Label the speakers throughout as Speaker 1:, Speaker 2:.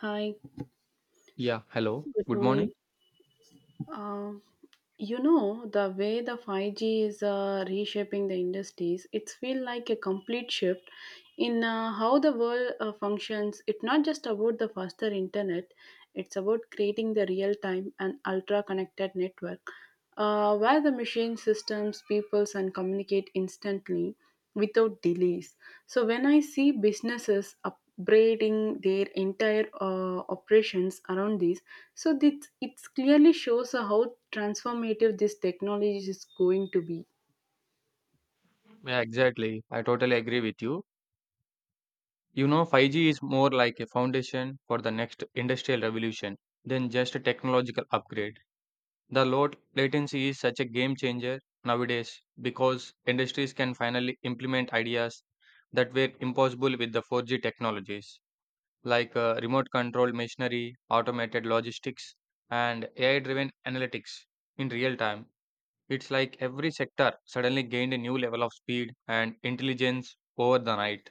Speaker 1: Hi,
Speaker 2: Yeah, hello.
Speaker 1: good
Speaker 2: Good
Speaker 1: morning.
Speaker 2: morning.
Speaker 1: Uh, the way the 5G is reshaping the industries. It's feel like a complete shift in how the world functions. It's not just about the faster internet, it's about creating the real-time and ultra-connected network where the machine systems, peoples, and communicate instantly without delays. So when I see businesses up upgrading their entire operations around this. So this it clearly shows how transformative this technology is going to be.
Speaker 2: Yeah, exactly. I totally agree with you. You know, 5G is more like a foundation for the next industrial revolution than just a technological upgrade. The low latency is such a game changer nowadays because industries can finally implement ideas that were impossible with the 4G technologies, like remote control machinery, automated logistics, and AI driven analytics in real time. It's like every sector suddenly gained a new level of speed and intelligence over the night.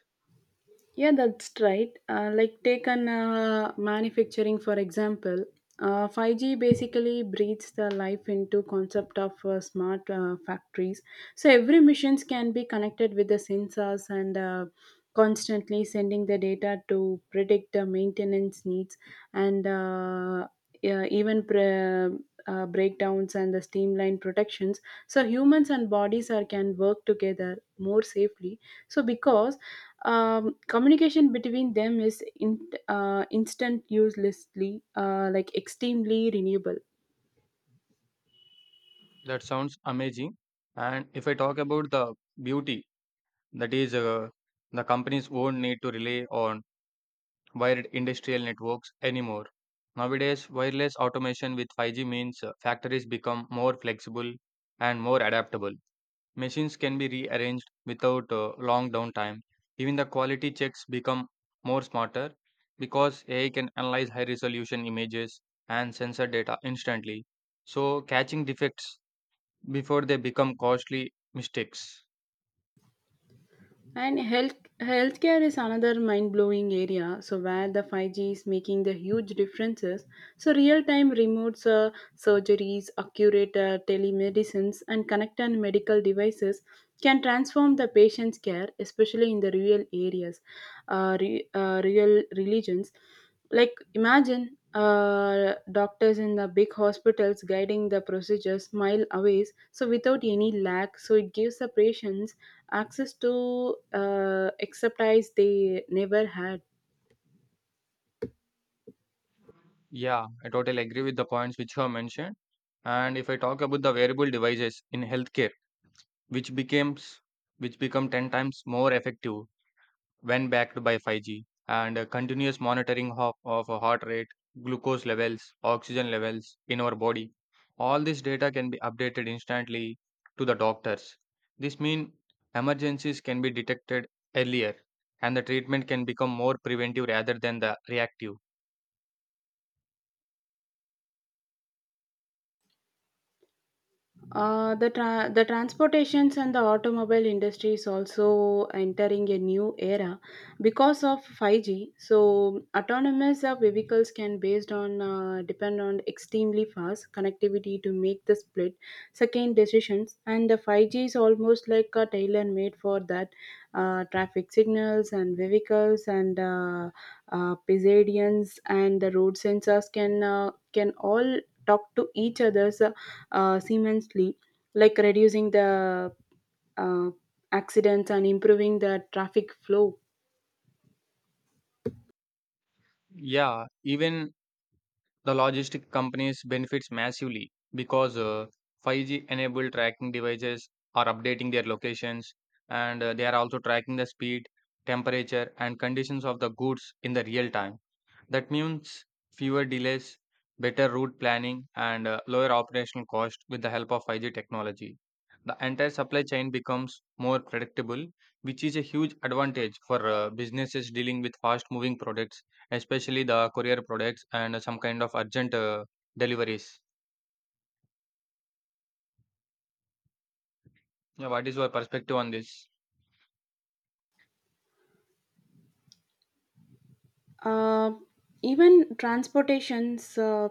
Speaker 1: Yeah, that's right. Like take an manufacturing for example. 5G basically breathes the life into concept of smart factories. So every missions can be connected with the sensors and constantly sending the data to predict the maintenance needs and yeah, even breakdowns and the streamline protections. So humans and bodies are can work together more safely. So because communication between them is in, instant uselessly like extremely renewable.
Speaker 2: That sounds amazing. And if I talk about the beauty, that is, the companies won't need to rely on wired industrial networks anymore. Nowadays, wireless automation with 5G means factories become more flexible and more adaptable. Machines can be rearranged without long downtime. Even the quality checks become more smarter because AI can analyze high resolution images and sensor data instantly, so catching defects before they become costly mistakes.
Speaker 1: And healthcare is another mind-blowing area, so where the 5G is making the huge differences. So real-time remote surgeries, accurate telemedicines, and connected medical devices can transform the patient's care, especially in the rural areas, rural religions. Like imagine doctors in the big hospitals guiding the procedures mile away, so without any lag. So it gives the patients access to expertise they never had.
Speaker 2: Yeah, I totally agree with the points which you have mentioned. And if I talk about the wearable devices in healthcare, which becomes which become 10 times more effective when backed by 5G, and continuous monitoring of a heart rate, glucose levels, oxygen levels in our body. All this data can be updated instantly to the doctors. This means emergencies can be detected earlier and the treatment can become more preventive rather than the reactive.
Speaker 1: The transportations and the automobile industry is also entering a new era because of 5G. So autonomous vehicles can based on depend on extremely fast connectivity to make the split second decisions, and the 5G is almost like a tailor made for that. Traffic signals and vehicles and pedestrians and the road sensors can all talk to each other's seamlessly, like reducing the uh, accidents and improving the traffic flow.
Speaker 2: Yeah, even the logistic companies benefits massively because 5G enabled tracking devices are updating their locations and they are also tracking the speed, temperature and conditions of the goods in the real time. That means fewer delays, better route planning, and lower operational cost with the help of 5G technology. The entire supply chain becomes more predictable, which is a huge advantage for businesses dealing with fast moving products, especially the courier products and some kind of urgent deliveries. Yeah, what is your perspective on this?
Speaker 1: Uh, even transportations, uh,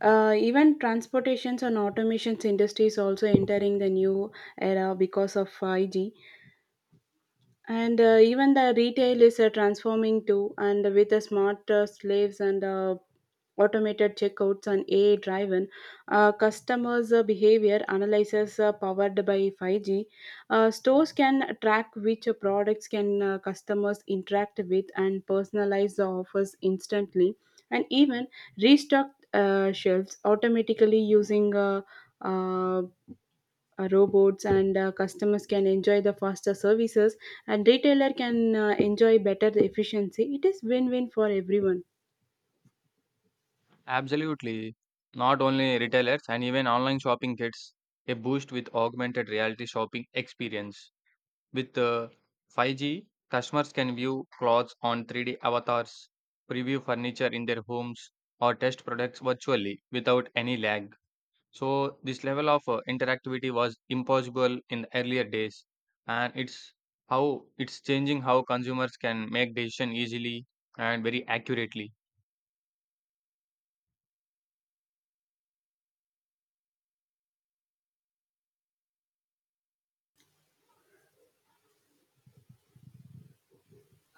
Speaker 1: even transportations and automations industries also entering the new era because of 5G, and even the retail is transforming too, and with the smart slaves and automated checkouts and AI driven customers' behavior analysis powered by 5G. Stores can track which products can customers interact with and personalize the offers instantly, and even restock shelves automatically using uh, robots. And customers can enjoy the faster services, and retailer can enjoy better efficiency. It is win-win for everyone.
Speaker 2: Absolutely. Not only retailers and even online shopping gets a boost with augmented reality shopping experience. With 5G, customers can view clothes on 3D avatars, preview furniture in their homes, or test products virtually without any lag. So this level of interactivity was impossible in the earlier days, and it's changing how consumers can make decision easily and very accurately.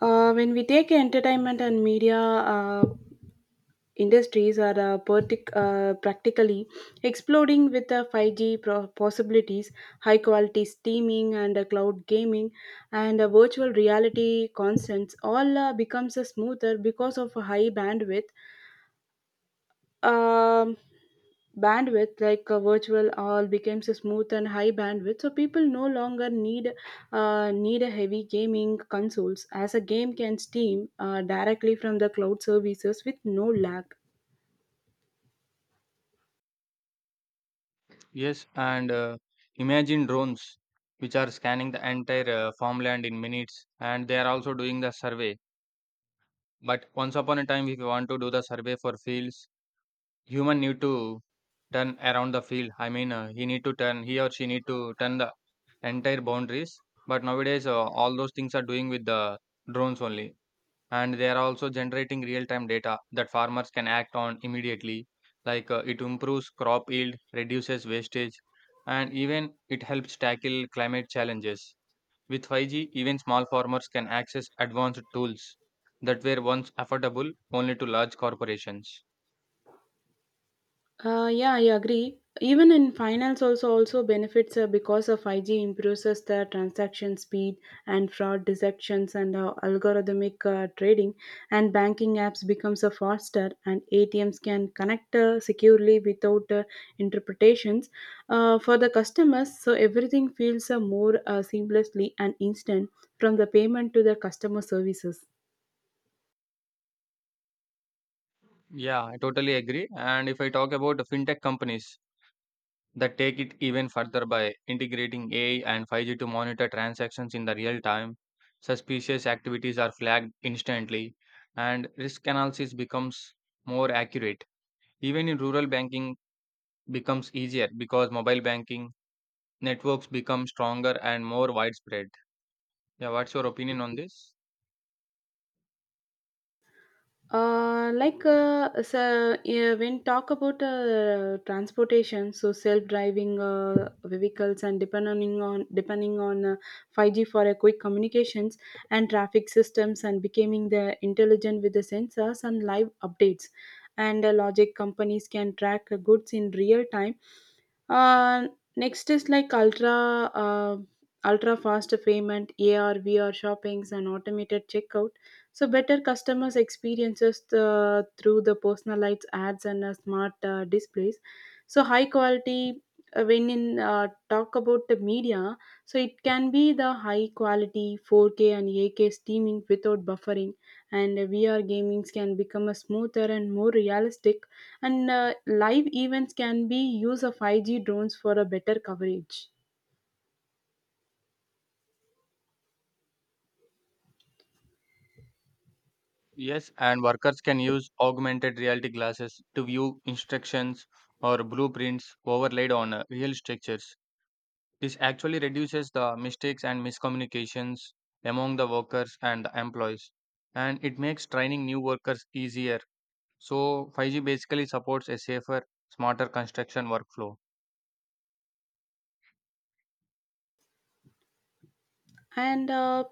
Speaker 1: When we take entertainment and media uh, industries are practically exploding with the 5G possibilities. High quality streaming and cloud gaming and virtual reality constants all becomes smoother because of a high bandwidth um, bandwidth like virtual all becomes a smooth and high bandwidth, so people no longer need a heavy gaming consoles as a game can steam directly from the cloud services with no lag.
Speaker 2: Yes, and imagine drones which are scanning the entire farmland in minutes, and they are also doing the survey. But once upon a time, if you want to do the survey for fields, human need to turn around the field. I mean, he or she need to turn the entire boundaries. But nowadays, all those things are doing with the drones only, and they are also generating real-time data that farmers can act on immediately. Like, it improves crop yield, reduces wastage, and even it helps tackle climate challenges. With 5G, even small farmers can access advanced tools that were once affordable only to large corporations.
Speaker 1: Yeah, I agree. Even in finance, also benefits because of 5G improves us the transaction speed and fraud detections and algorithmic trading, and banking apps becomes a faster and ATMs can connect securely without interpretations for the customers. So everything feels more seamlessly and instant from the payment to the customer services.
Speaker 2: Yeah, I totally agree. And if I talk about the fintech companies that take it even further by integrating AI and 5G to monitor transactions in the real time, suspicious activities are flagged instantly, and risk analysis becomes more accurate. Even in rural banking becomes easier because mobile banking networks become stronger and more widespread. Yeah, what's your opinion on this?
Speaker 1: Like so, yeah, when talk about transportation, so self-driving vehicles and depending on 5G for a quick communications and traffic systems and becoming the intelligent with the sensors and live updates, and logic companies can track goods in real time. Uh, Next is like ultra fast payment, AR, VR shoppings, and automated checkout, so better customers experiences through the personalized ads and smart displays. So high quality when in talk about the media, so it can be the high quality 4K and 8K streaming without buffering, and VR gamings can become a smoother and more realistic, and live events can be use of 5G drones for a better coverage.
Speaker 2: Yes, and workers can use augmented reality glasses to view instructions or blueprints overlaid on real structures. This actually reduces the mistakes and miscommunications among the workers and the employees, and it makes training new workers easier. So 5G basically supports a safer, smarter construction workflow.
Speaker 1: And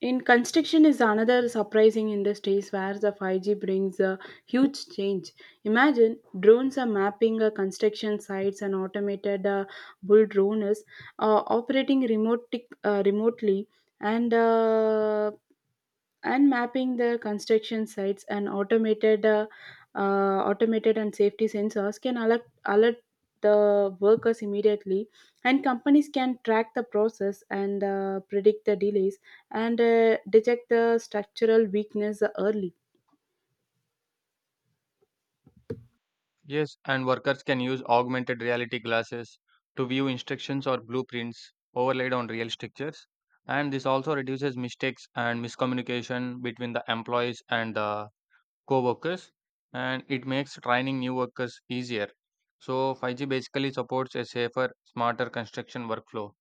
Speaker 1: In construction is another surprising industries where the 5G brings a huge change. Imagine drones are mapping construction sites and automated bull drones operating remotely and mapping the construction sites and automated and safety sensors can alert the workers immediately, and companies can track the process and predict the delays and detect the structural weakness early.
Speaker 2: Yes, and workers can use augmented reality glasses to view instructions or blueprints overlaid on real structures. And this also reduces mistakes and miscommunication between the employees and the co workers. And it makes training new workers easier. So 5G basically supports a safer, smarter construction workflow.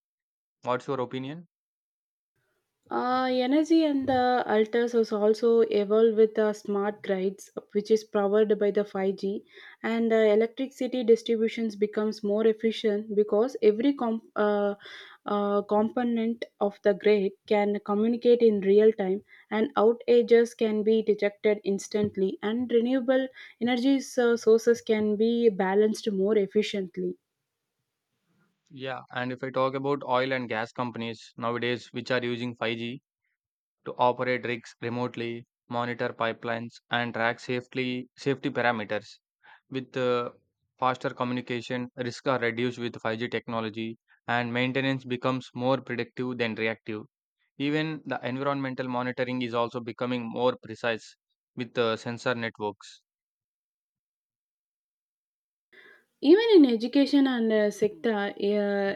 Speaker 2: What's your opinion?
Speaker 1: Energy and the alters was also evolved with the smart grids, which is powered by the 5G, and electricity distributions becomes more efficient because every component of the grid can communicate in real time, and outages can be detected instantly, and renewable energy sources can be balanced more efficiently.
Speaker 2: Yeah, and if I talk about oil and gas companies nowadays which are using 5G to operate rigs remotely, monitor pipelines, and track safely safety parameters. With faster communication, risks are reduced with 5G technology, and maintenance becomes more predictive than reactive. Even the environmental monitoring is also becoming more precise with the sensor networks.
Speaker 1: Even in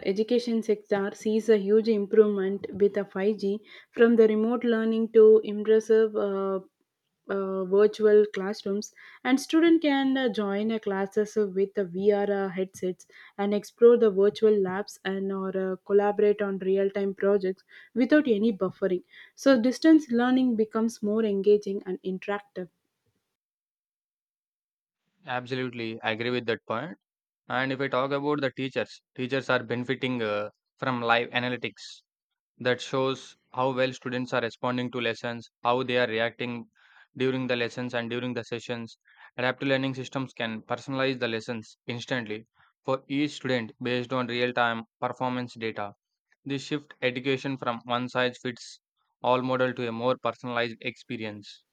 Speaker 1: education sector sees a huge improvement with a 5G from the remote learning to impressive virtual classrooms, and student can join a classes with the VR headsets and explore the virtual labs and or collaborate on real-time projects without any buffering. So distance learning becomes more engaging and interactive.
Speaker 2: Absolutely, I agree with that point. And if I talk about the teachers, teachers are benefiting from live analytics that shows how well students are responding to lessons, how they are reacting during the lessons and during the sessions. Adaptive learning systems can personalize the lessons instantly for each student based on real time performance data. This shift education from one size fits all model to a more personalized experience.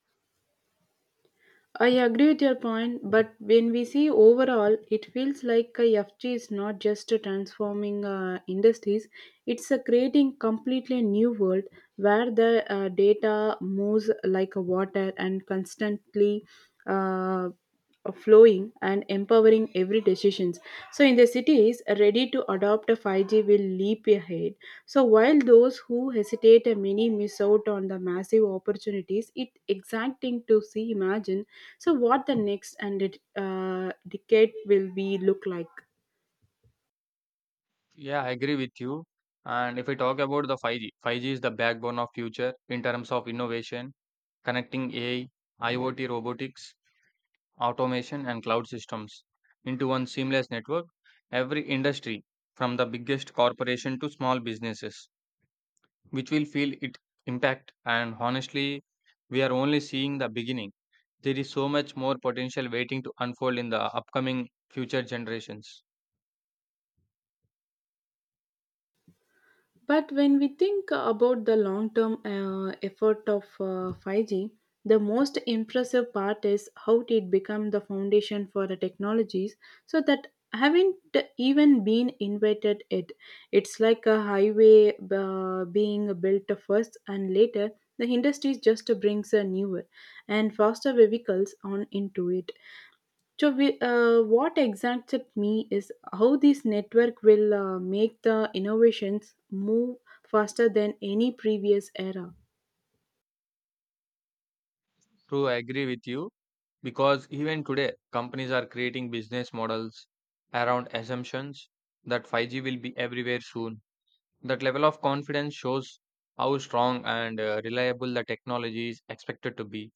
Speaker 1: I agree with your point, but when we see overall, it feels like a F G is not just a transforming industries; it's a creating completely new world where the data moves like a water and constantly uh, flowing and empowering every decisions. So in the cities, ready to adopt a 5G will leap ahead. So while those who hesitate many miss out on the massive opportunities. It's exciting to see. Imagine so, what the next and it, decade will be look like?
Speaker 2: Yeah, I agree with you. And if we talk about the 5G, is the backbone of future in terms of innovation, connecting AI, IoT robotics, automation, and cloud systems into one seamless network. Every industry, from the biggest corporation to small businesses, which will feel it impact. And honestly, we are only seeing the beginning. There is so much more potential waiting to unfold in the upcoming future generations.
Speaker 1: But when we think about the long term effort of 5G, the most impressive part is how it become the foundation for the technologies, so that haven't even been invented it. It's like a highway being built first and later the industry just brings a newer and faster vehicles on into it. So, what excites me is how this network will make the innovations move faster than any previous era.
Speaker 2: True, I agree with you because even today, companies are creating business models around assumptions that 5G will be everywhere soon. That level of confidence shows how strong and reliable the technology is expected to be.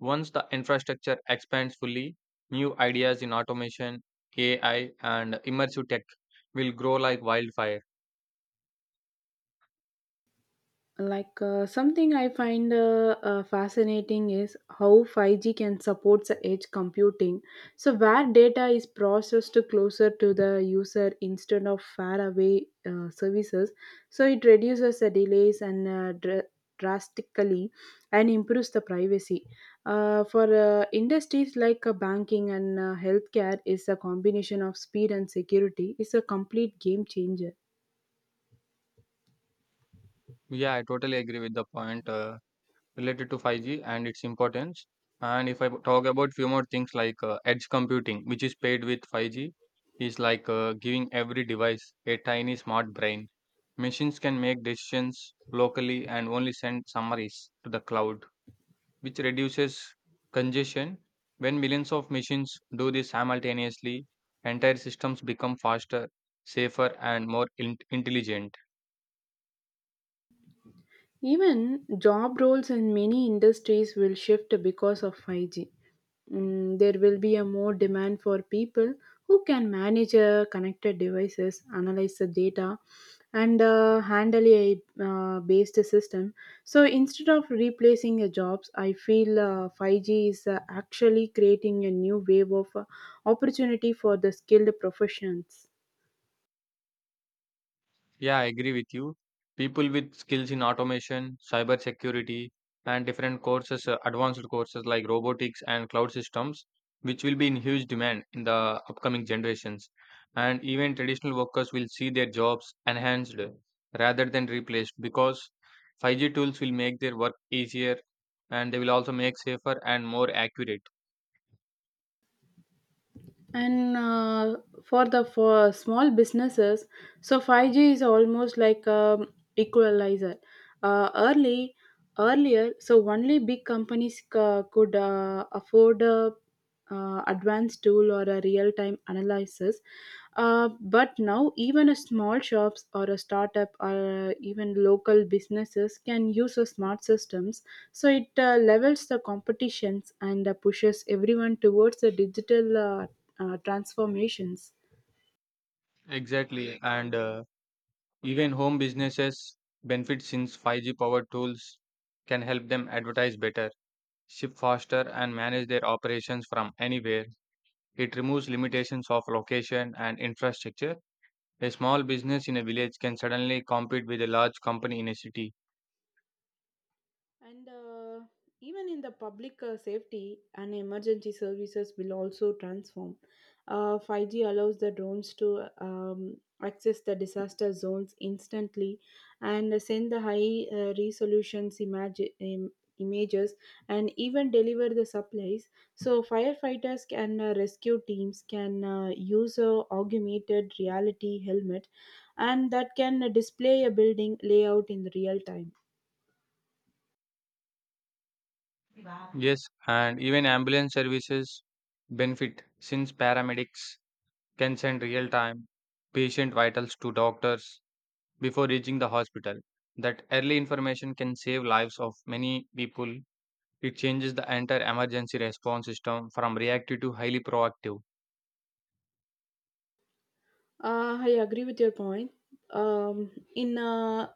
Speaker 2: Once the infrastructure expands fully, new ideas in automation, AI, and immersive tech will grow like wildfire.
Speaker 1: Like something I find fascinating is how 5G can support the edge computing, so where data is processed closer to the user instead of far away services, so it reduces the delays and drastically and improves the privacy for industries like banking and healthcare is a combination of speed and security is a complete game changer.
Speaker 2: Yeah, I totally agree with the point. Related to 5G and its importance. And if I talk about few more things like edge computing, which is paired with 5G, is like giving every device a tiny smart brain. Machines can make decisions locally and only send summaries to the cloud, which reduces congestion. When millions of machines do this simultaneously, entire systems become faster, safer, and more intelligent.
Speaker 1: Even job roles in many industries will shift because of 5G. There will be a more demand for people who can manage connected devices, analyze the data, and handle a based system. So instead of replacing a jobs, I feel 5G is actually creating a new wave of opportunity for the skilled professions.
Speaker 2: Yeah, I agree with you. People with skills in automation, cyber security, and different courses, advanced courses like robotics and cloud systems, which will be in huge demand in the upcoming generations. And even traditional workers will see their jobs enhanced rather than replaced because 5G tools will make their work easier and they will also make safer and more accurate.
Speaker 1: And for the for small businesses, so 5G is almost like a equalizer, early earlier so only big companies could afford a advanced tool or a real time analysis, but now even a small shops or a startup or even local businesses can use a smart systems, so it levels the competitions and pushes everyone towards a digital uh, transformations.
Speaker 2: Exactly. And even home businesses benefit since 5G powered tools can help them advertise better, ship faster, and manage their operations from anywhere. It removes limitations of location and infrastructure. A small business in a village can suddenly compete with a large company in a city.
Speaker 1: And even in the public safety and emergency services will also transform. 5G allows the drones to access the disaster zones instantly and send the high resolutions images and even deliver the supplies. So firefighters and rescue teams can use a augmented reality helmet and that can display a building layout in real time.
Speaker 2: Yes, and even ambulance services benefit since paramedics can send real time patient vitals to doctors before reaching the hospital. That early information can save lives of many people. It changes the entire emergency response system from reactive to highly proactive.
Speaker 1: I agree with your point. In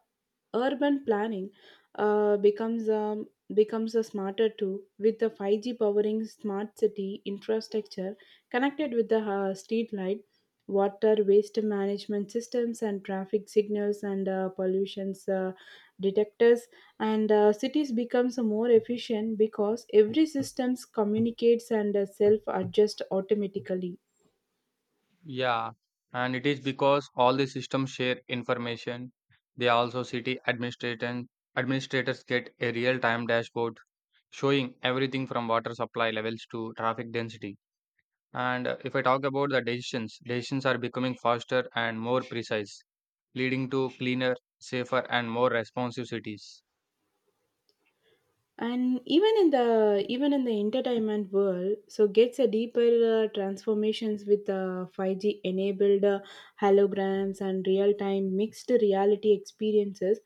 Speaker 1: Urban planning, uh, becomes um, becomes a smarter too with the 5G powering smart city infrastructure connected with the street light, water waste management systems, and traffic signals and pollutions detectors. And cities becomes more efficient because every systems communicates and self adjust automatically.
Speaker 2: Yeah, and it is because all the systems share information. They also city administration administrators get a real-time dashboard showing everything from water supply levels to traffic density. And if I talk about the decisions, are becoming faster and more precise, leading to cleaner, safer, and more responsive cities.
Speaker 1: And even in the entertainment world so gets a deeper transformations with 5G enabled holograms and real time mixed reality experiences,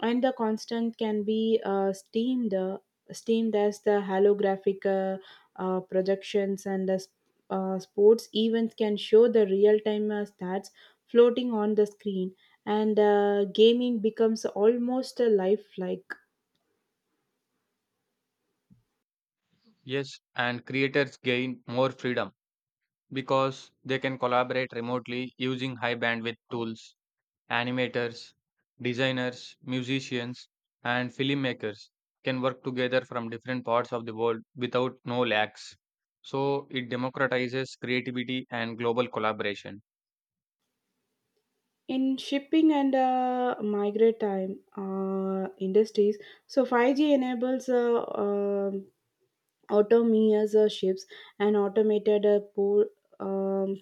Speaker 1: and the constant can be steamed as the holographic projections, and the sports events can show the real time stats floating on the screen, and gaming becomes almost a lifelike.
Speaker 2: Yes, and creators gain more freedom because they can collaborate remotely using high bandwidth tools. Animators, designers, musicians, and filmmakers can work together from different parts of the world without no lags. So it democratizes creativity and global collaboration.
Speaker 1: In shipping and migrate time industries, so 5G enables autonomous ships and automated um,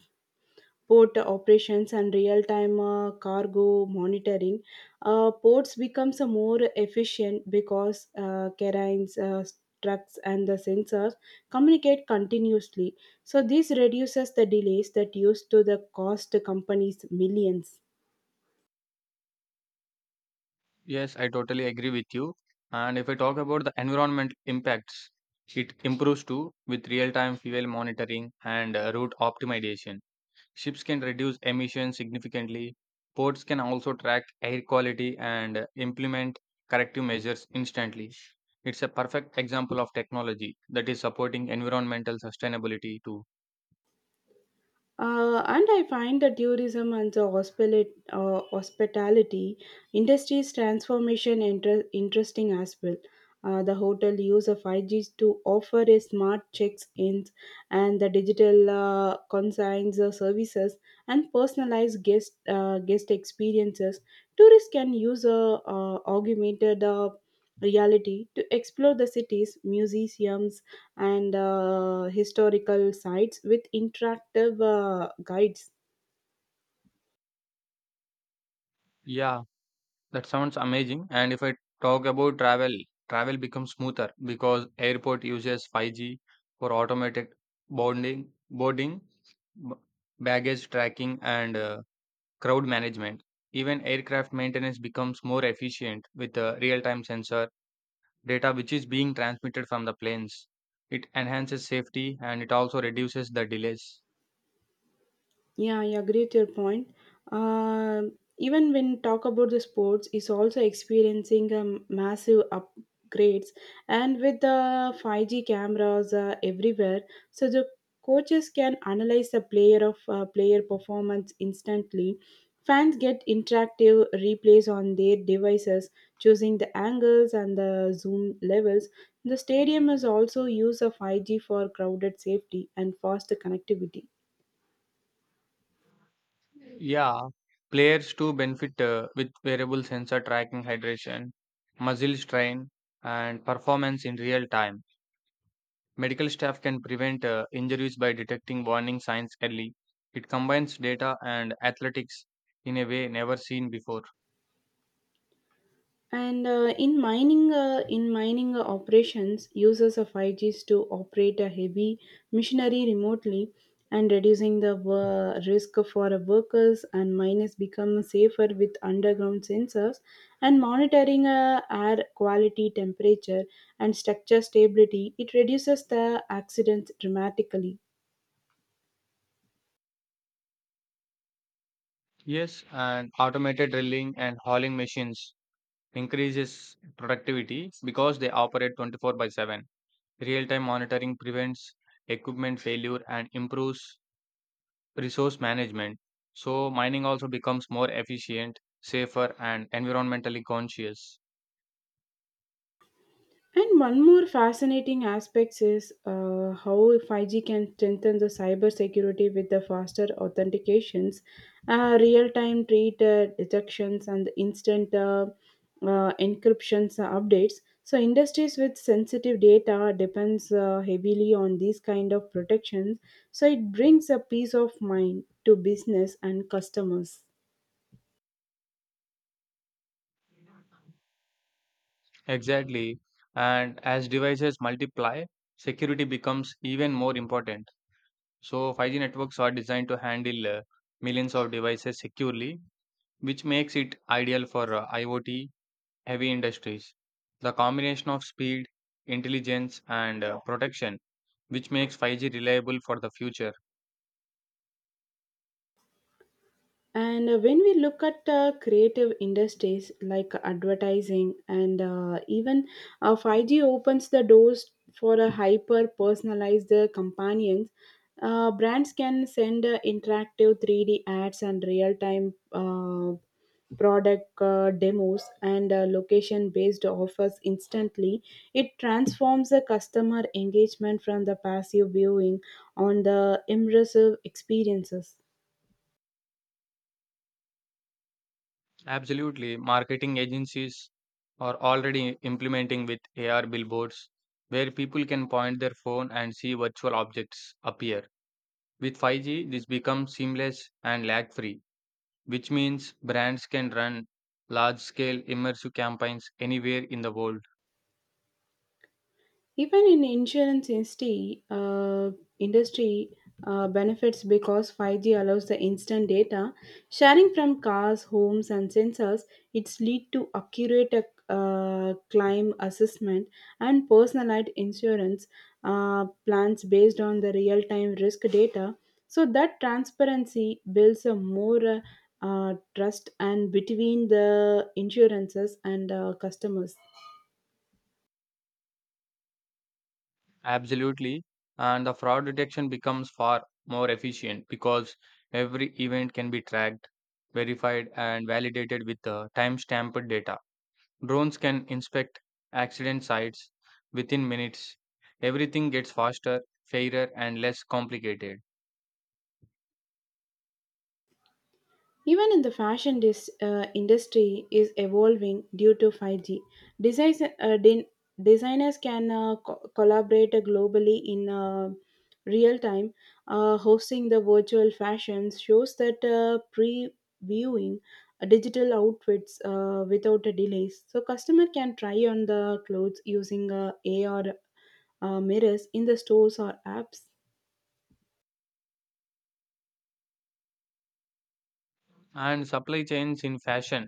Speaker 1: port operations and real-time cargo monitoring. Ports becomes more efficient because carines trucks and the sensors communicate continuously, so this reduces the delays that used to the cost companies millions.
Speaker 2: Yes, I totally agree with you. And if I talk about the environment impacts, it improves too with real time fuel monitoring and route optimization. Ships can reduce emissions significantly. Ports can also track air quality and implement corrective measures instantly. It's a perfect example of technology that is supporting environmental sustainability too.
Speaker 1: And I find the tourism and the hospitality industry's transformation interesting as well. The hotel use of 5G to offer a smart checks-ins and the digital consigns services and personalized guest experiences. Tourists can use a augmented reality to explore the cities, museums, and historical sites with interactive guides.
Speaker 2: Yeah, that sounds amazing. And if I talk about travel, travel becomes smoother because airport uses 5G for automated boarding, boarding, b- baggage tracking, and crowd management. Even aircraft maintenance becomes more efficient with the real time sensor data which is being transmitted from the planes. It enhances safety and it also reduces the delays.
Speaker 1: Yeah, I agree with your point. Uh, Even when talk about the sports, is also experiencing massive upgrades, and with the 5G cameras everywhere, so the coaches can analyze the player performance instantly. Fans get interactive replays on their devices, choosing the angles and the zoom levels. The stadium is also use of 5G for crowded safety and faster connectivity.
Speaker 2: Yeah, players too benefit with wearable sensor tracking hydration, muscle strain, and performance in real time. Medical staff can prevent injuries by detecting warning signs early. It combines data and athletics in a way never seen before.
Speaker 1: In mining operations, users of 5Gs to operate a heavy machinery remotely and reducing the risk for workers, and miners become safer with underground sensors and monitoring air quality, temperature, and structure stability. It reduces the accidents dramatically.
Speaker 2: Yes, and automated drilling and hauling machines increases productivity because they operate 24 by 7. Real-time monitoring prevents equipment failure and improves resource management. So mining also becomes more efficient, safer, and environmentally conscious.
Speaker 1: And one more fascinating aspect is how 5G can strengthen the cybersecurity with the faster authentications, real-time treat detections, and instant encryptions updates. So industries with sensitive data depends heavily on these kind of protections. So it brings a peace of mind to business and customers.
Speaker 2: Exactly. And as devices multiply, security becomes even more important. So 5G networks are designed to handle millions of devices securely which makes it ideal for IoT heavy industries. The combination of speed, intelligence, and protection, which makes 5G reliable for the future.
Speaker 1: And when we look at creative industries like advertising and even 5G opens the doors for a hyper personalized companions, brands can send interactive 3D ads and real time product demos and location based offers instantly. It transforms the customer engagement from the passive viewing on the immersive experiences.
Speaker 2: Absolutely, marketing agencies are already implementing with AR billboards where people can point their phone and see virtual objects appear. With 5G, this becomes seamless and lag free, which means brands can run large scale immersive campaigns anywhere in the world.
Speaker 1: Even in insurance industry benefits because 5G allows the instant data sharing from cars, homes, and sensors. It's lead to accurate climb assessment and personalized insurance plans based on the real-time risk data. So that transparency builds a more trust and between the insurances and customers.
Speaker 2: Absolutely. And the fraud detection becomes far more efficient because every event can be tracked, verified, and validated with the timestamped data. Drones can inspect accident sites within minutes. Everything gets faster, fairer, and less complicated.
Speaker 1: Even in the fashion industry is evolving due to 5G. Designs, uh, din- designers can collaborate globally in real time. Hosting the virtual fashions shows that previewing digital outfits without a delays. So customer can try on the clothes using AR mirrors in the stores or apps.
Speaker 2: And supply chains in fashion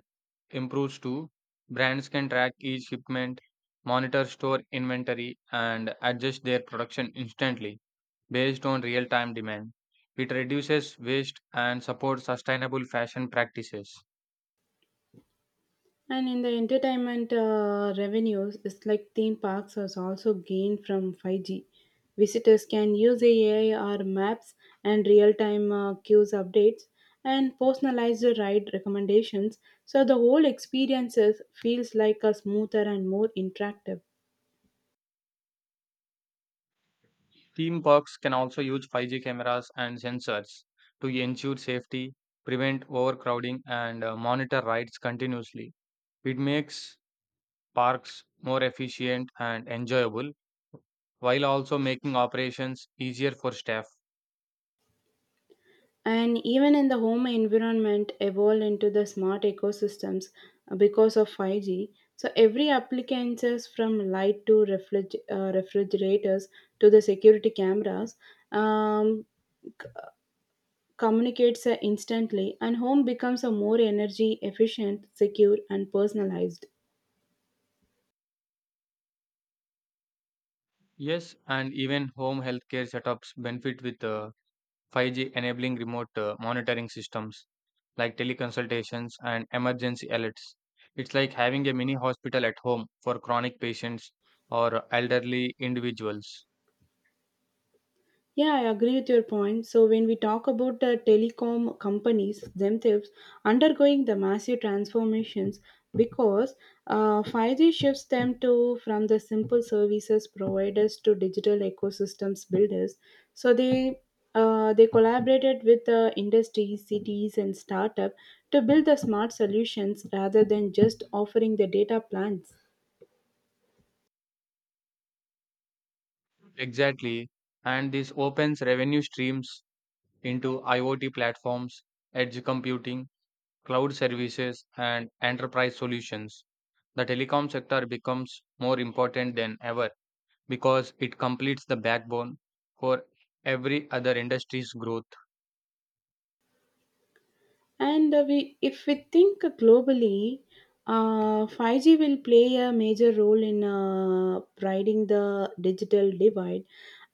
Speaker 2: improves too. Brands can track each shipment, monitor store inventory, and adjust their production instantly based on real time demand. It reduces waste and supports sustainable fashion practices.
Speaker 1: And in the entertainment revenues, it's like theme parks has also gained from 5G. Visitors can use AI or maps and real-time queues updates and personalized ride recommendations, so the whole experiences feels like a smoother and more interactive.
Speaker 2: Theme parks can also use 5G cameras and sensors to ensure safety, prevent overcrowding, and monitor rides continuously. It makes parks more efficient and enjoyable while also making operations easier for staff.
Speaker 1: And even in the home environment evolve into the smart ecosystems because of 5g, so every appliances from light to refrigerators to the security cameras um, communicates instantly, and home becomes a more energy efficient secure and personalized.
Speaker 2: Yes, and even home healthcare setups benefit with 5G enabling remote monitoring systems like teleconsultations and emergency alerts. It's like having a mini hospital at home for chronic patients or elderly individuals.
Speaker 1: Yeah, I agree with your point. So, when we talk about the telecom companies themselves undergoing the massive transformations, because 5G shifts them to from the simple services providers to digital ecosystems builders. So they collaborated with the industries, cities, and startup to build the smart solutions rather than just offering the data plans.
Speaker 2: Exactly. And this opens revenue streams into IoT platforms, edge computing, cloud services, and enterprise solutions. The telecom sector becomes more important than ever because it completes the backbone for every other industry's growth.
Speaker 1: And if we think globally, 5G will play a major role in riding the digital divide.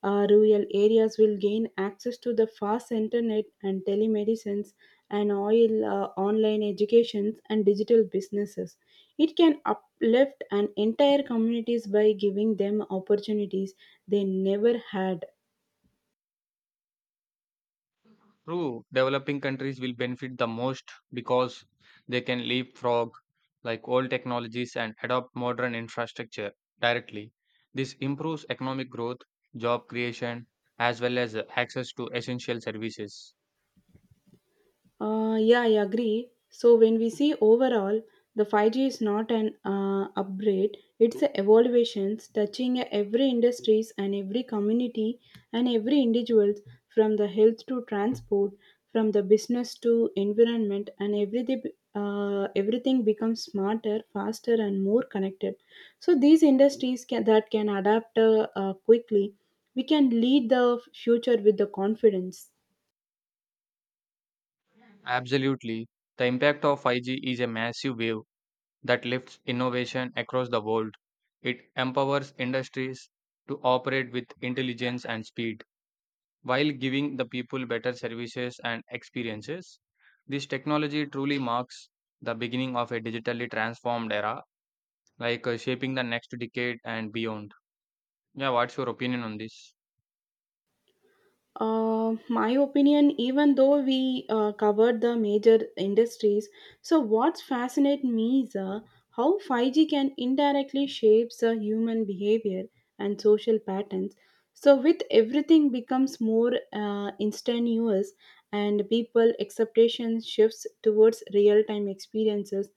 Speaker 1: Rural areas will gain access to the fast internet and telemedicines and online educations and digital businesses. It can uplift an entire communities by giving them opportunities they never had.
Speaker 2: True, developing countries will benefit the most because they can leapfrog like old technologies and adopt modern infrastructure directly. This improves economic growth, job creation, as well as access to essential services.
Speaker 1: Yeah, I agree. So when we see overall, the 5G is not an upgrade; it's a evaluations touching every industries and every community and every individuals, from the health to transport, from the business to environment, and everything becomes smarter, faster, and more connected. So these industries that can adapt quickly, we can lead the future with the confidence.
Speaker 2: Absolutely. The impact of 5G is a massive wave that lifts innovation across the world. It empowers industries to operate with intelligence and speed, while giving the people better services and experiences. This technology truly marks the beginning of a digitally transformed era, like shaping the next decade and beyond. Yeah, what's your opinion on this?
Speaker 1: My opinion, even though we covered the major industries, so what's fascinates me is how 5G can indirectly shapes human behavior and social patterns. So with everything becomes more instantaneous and people expectations shifts towards real-time experiences.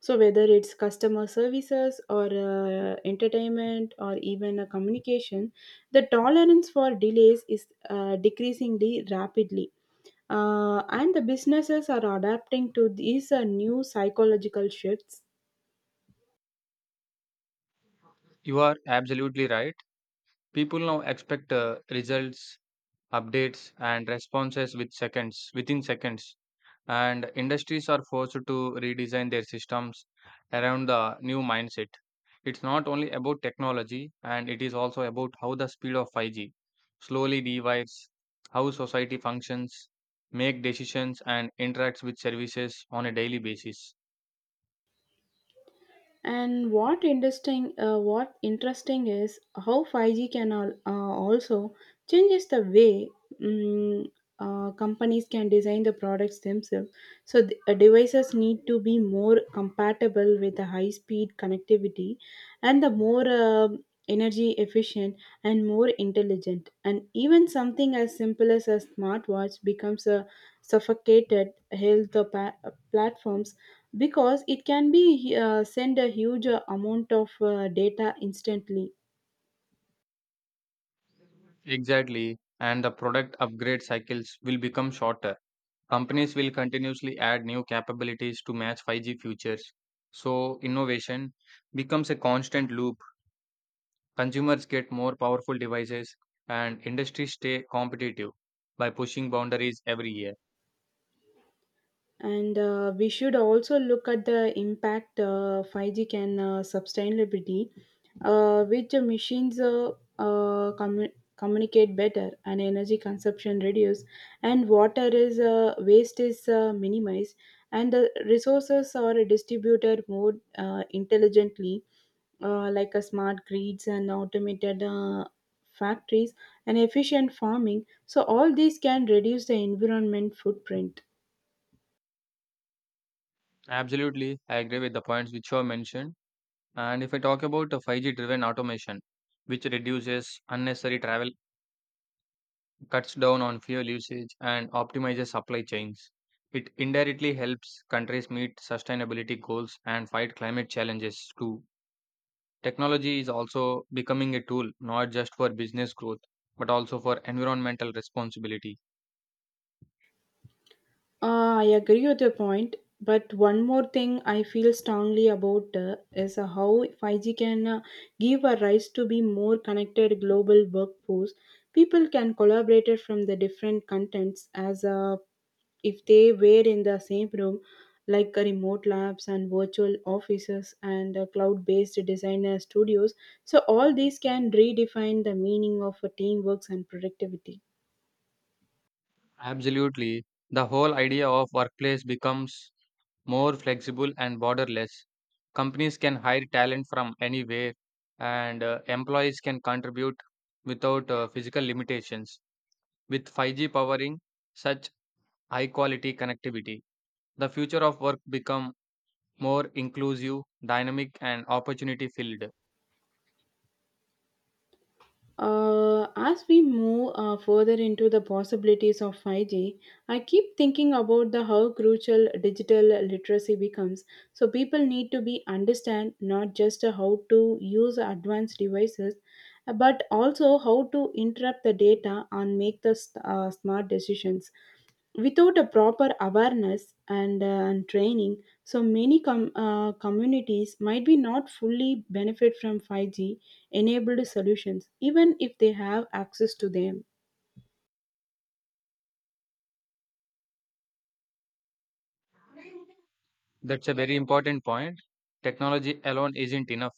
Speaker 1: So whether it's customer services or entertainment or even a communication, the tolerance for delays is decreasingly rapidly, and the businesses are adapting to these new psychological shifts.
Speaker 2: You are absolutely right. People now expect results, updates, and responses with seconds, within seconds, and industries are forced to redesign their systems around the new mindset. It's not only about technology, and it is also about how the speed of 5G slowly divides how society functions, make decisions, and interacts with services on a daily basis.
Speaker 1: And what interesting is how 5G can also changes the way mm companies can design the products themselves. So the, devices need to be more compatible with the high-speed connectivity and the more energy efficient and more intelligent. And even something as simple as a smartwatch becomes a suffocated health platforms because it can be send a huge amount of data instantly.
Speaker 2: Exactly, and the product upgrade cycles will become shorter. Companies will continuously add new capabilities to match 5G futures. So, innovation becomes a constant loop. Consumers get more powerful devices and industries stay competitive by pushing boundaries every year.
Speaker 1: And we should also look at the impact 5g can sustainability which the machines communicate better and energy consumption reduce and water is waste is minimized and the resources are distributed more intelligently, like a smart grids and automated factories and efficient farming, so all these can reduce the environment footprint.
Speaker 2: Absolutely, I agree with the points which you have mentioned. And if I talk about a 5G driven automation, which reduces unnecessary travel, cuts down on fuel usage, and optimizes supply chains, it indirectly helps countries meet sustainability goals and fight climate challenges too. Technology is also becoming a tool not just for business growth but also for environmental responsibility.
Speaker 1: Ah, I agree with your point, but one more thing I feel strongly about is how 5G can give a rise to be more connected global workforce. People can collaborate from the different contents as if they were in the same room, like remote labs and virtual offices and cloud-based designer studios. So all these can redefine the meaning of teamwork and productivity.
Speaker 2: Absolutely. The whole idea of workplace becomes more flexible and borderless. Companies can hire talent from anywhere, and employees can contribute without physical limitations. With 5G powering such high quality connectivity, the future of work become more inclusive, dynamic, and opportunity filled.
Speaker 1: As we move further into the possibilities of 5G, I keep thinking about the how crucial digital literacy becomes. So people need to be understand not just how to use advanced devices, but also how to interrupt the data and make the smart decisions without a proper awareness and training, so many communities might be not fully benefit from 5g enabled solutions even if they have access to them.
Speaker 2: That's a very important point. Technology alone isn't enough.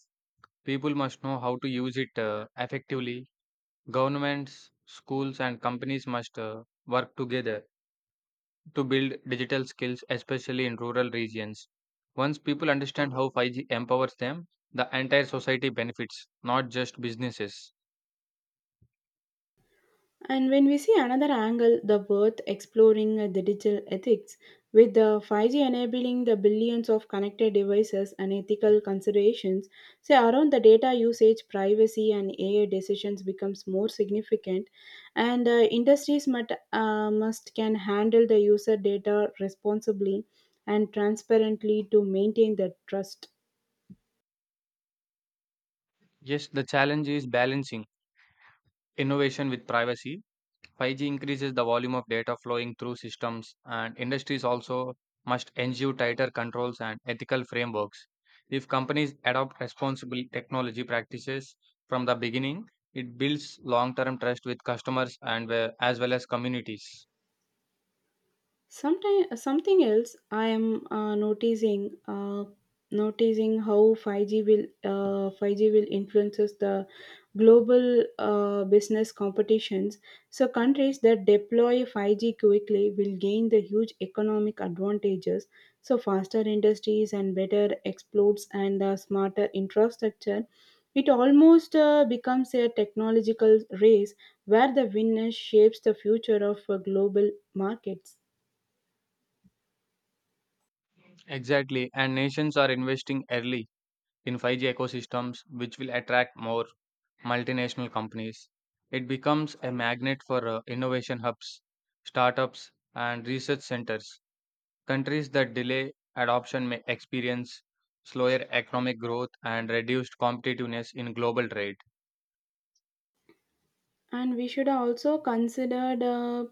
Speaker 2: People must know how to use it effectively. Governments, schools, and companies must work together to build digital skills, especially in rural regions. Once people understand how 5G empowers them, the entire society benefits, not just businesses.
Speaker 1: And when we see another angle, the worth exploring the digital ethics, with the 5G enabling the billions of connected devices and ethical considerations, say around the data usage, privacy, and AI decisions becomes more significant, and industries must can handle the user data responsibly and transparently to maintain the trust.
Speaker 2: Yes, the challenge is balancing innovation with privacy. 5G increases the volume of data flowing through systems, and industries also must ensure tighter controls and ethical frameworks. If companies adopt responsible technology practices from the beginning, it builds long term trust with customers and as well as communities.
Speaker 1: Sometimes something else I am noticing how 5G will influences the global business competitions. So countries that deploy 5G quickly will gain the huge economic advantages. So faster industries and better exports and smarter infrastructure. It almost becomes a technological race where the winner shapes the future of global markets.
Speaker 2: Exactly, and nations are investing early in 5G ecosystems, which will attract more multinational companies. It becomes a magnet for innovation hubs, startups, and research centers. Countries that delay adoption may experience slower economic growth and reduced competitiveness in global trade.
Speaker 1: And we should also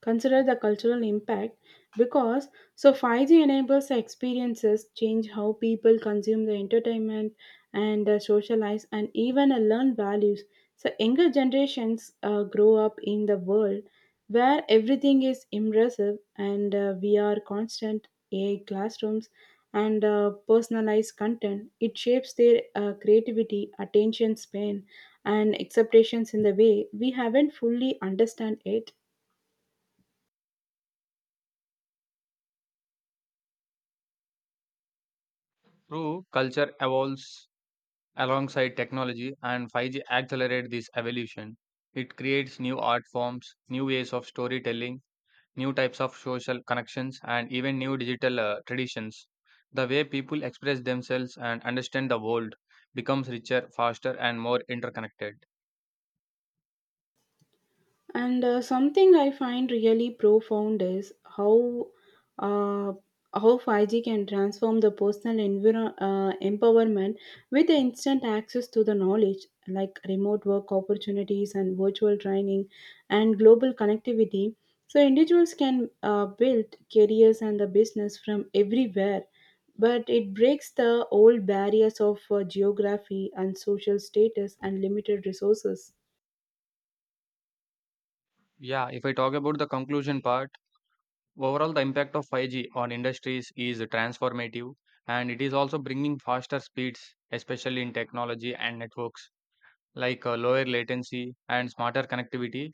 Speaker 1: consider the cultural impact, because so 5G enables experiences change how people consume the entertainment and socialize and even learn values. So younger generations grow up in the world where everything is immersive and VR constant AI classrooms and personalized content. It shapes their creativity, attention span, and expectations in the way we haven't fully understand it.
Speaker 2: True, culture evolves alongside technology, and 5G accelerates this evolution. It creates new art forms, new ways of storytelling, new types of social connections, and even new digital traditions. The way people express themselves and understand the world becomes richer, faster, and more interconnected.
Speaker 1: And something I find really profound is uh, how 5G can transform the personal empowerment with the instant access to the knowledge like remote work opportunities and virtual training and global connectivity. So individuals can build careers and the business from everywhere, but it breaks the old barriers of geography and social status and limited resources.
Speaker 2: Yeah, if I talk about the conclusion part, overall, the impact of 5G on industries is transformative and it is also bringing faster speeds, especially in technology and networks, like lower latency and smarter connectivity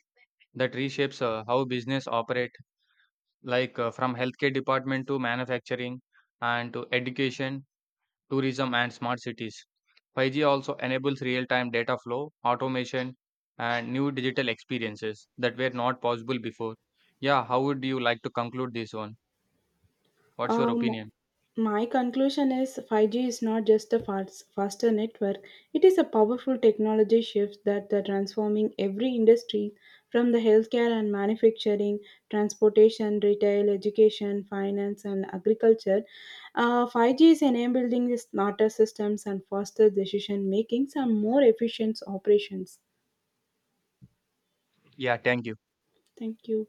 Speaker 2: that reshapes how business operate, like from healthcare department to manufacturing and to education, tourism and smart cities. 5G also enables real-time data flow, automation, and new digital experiences that were not possible before. Yeah, how would you like to conclude this one? What's your
Speaker 1: Um,
Speaker 2: opinion?
Speaker 1: My conclusion is 5G is not just a faster network, it is a powerful technology shift that is transforming every industry from the healthcare and manufacturing, transportation, retail, education, finance, and agriculture. 5G is enabling the smarter systems and faster decision making and more efficient operations.
Speaker 2: Yeah, thank you.
Speaker 1: Thank you.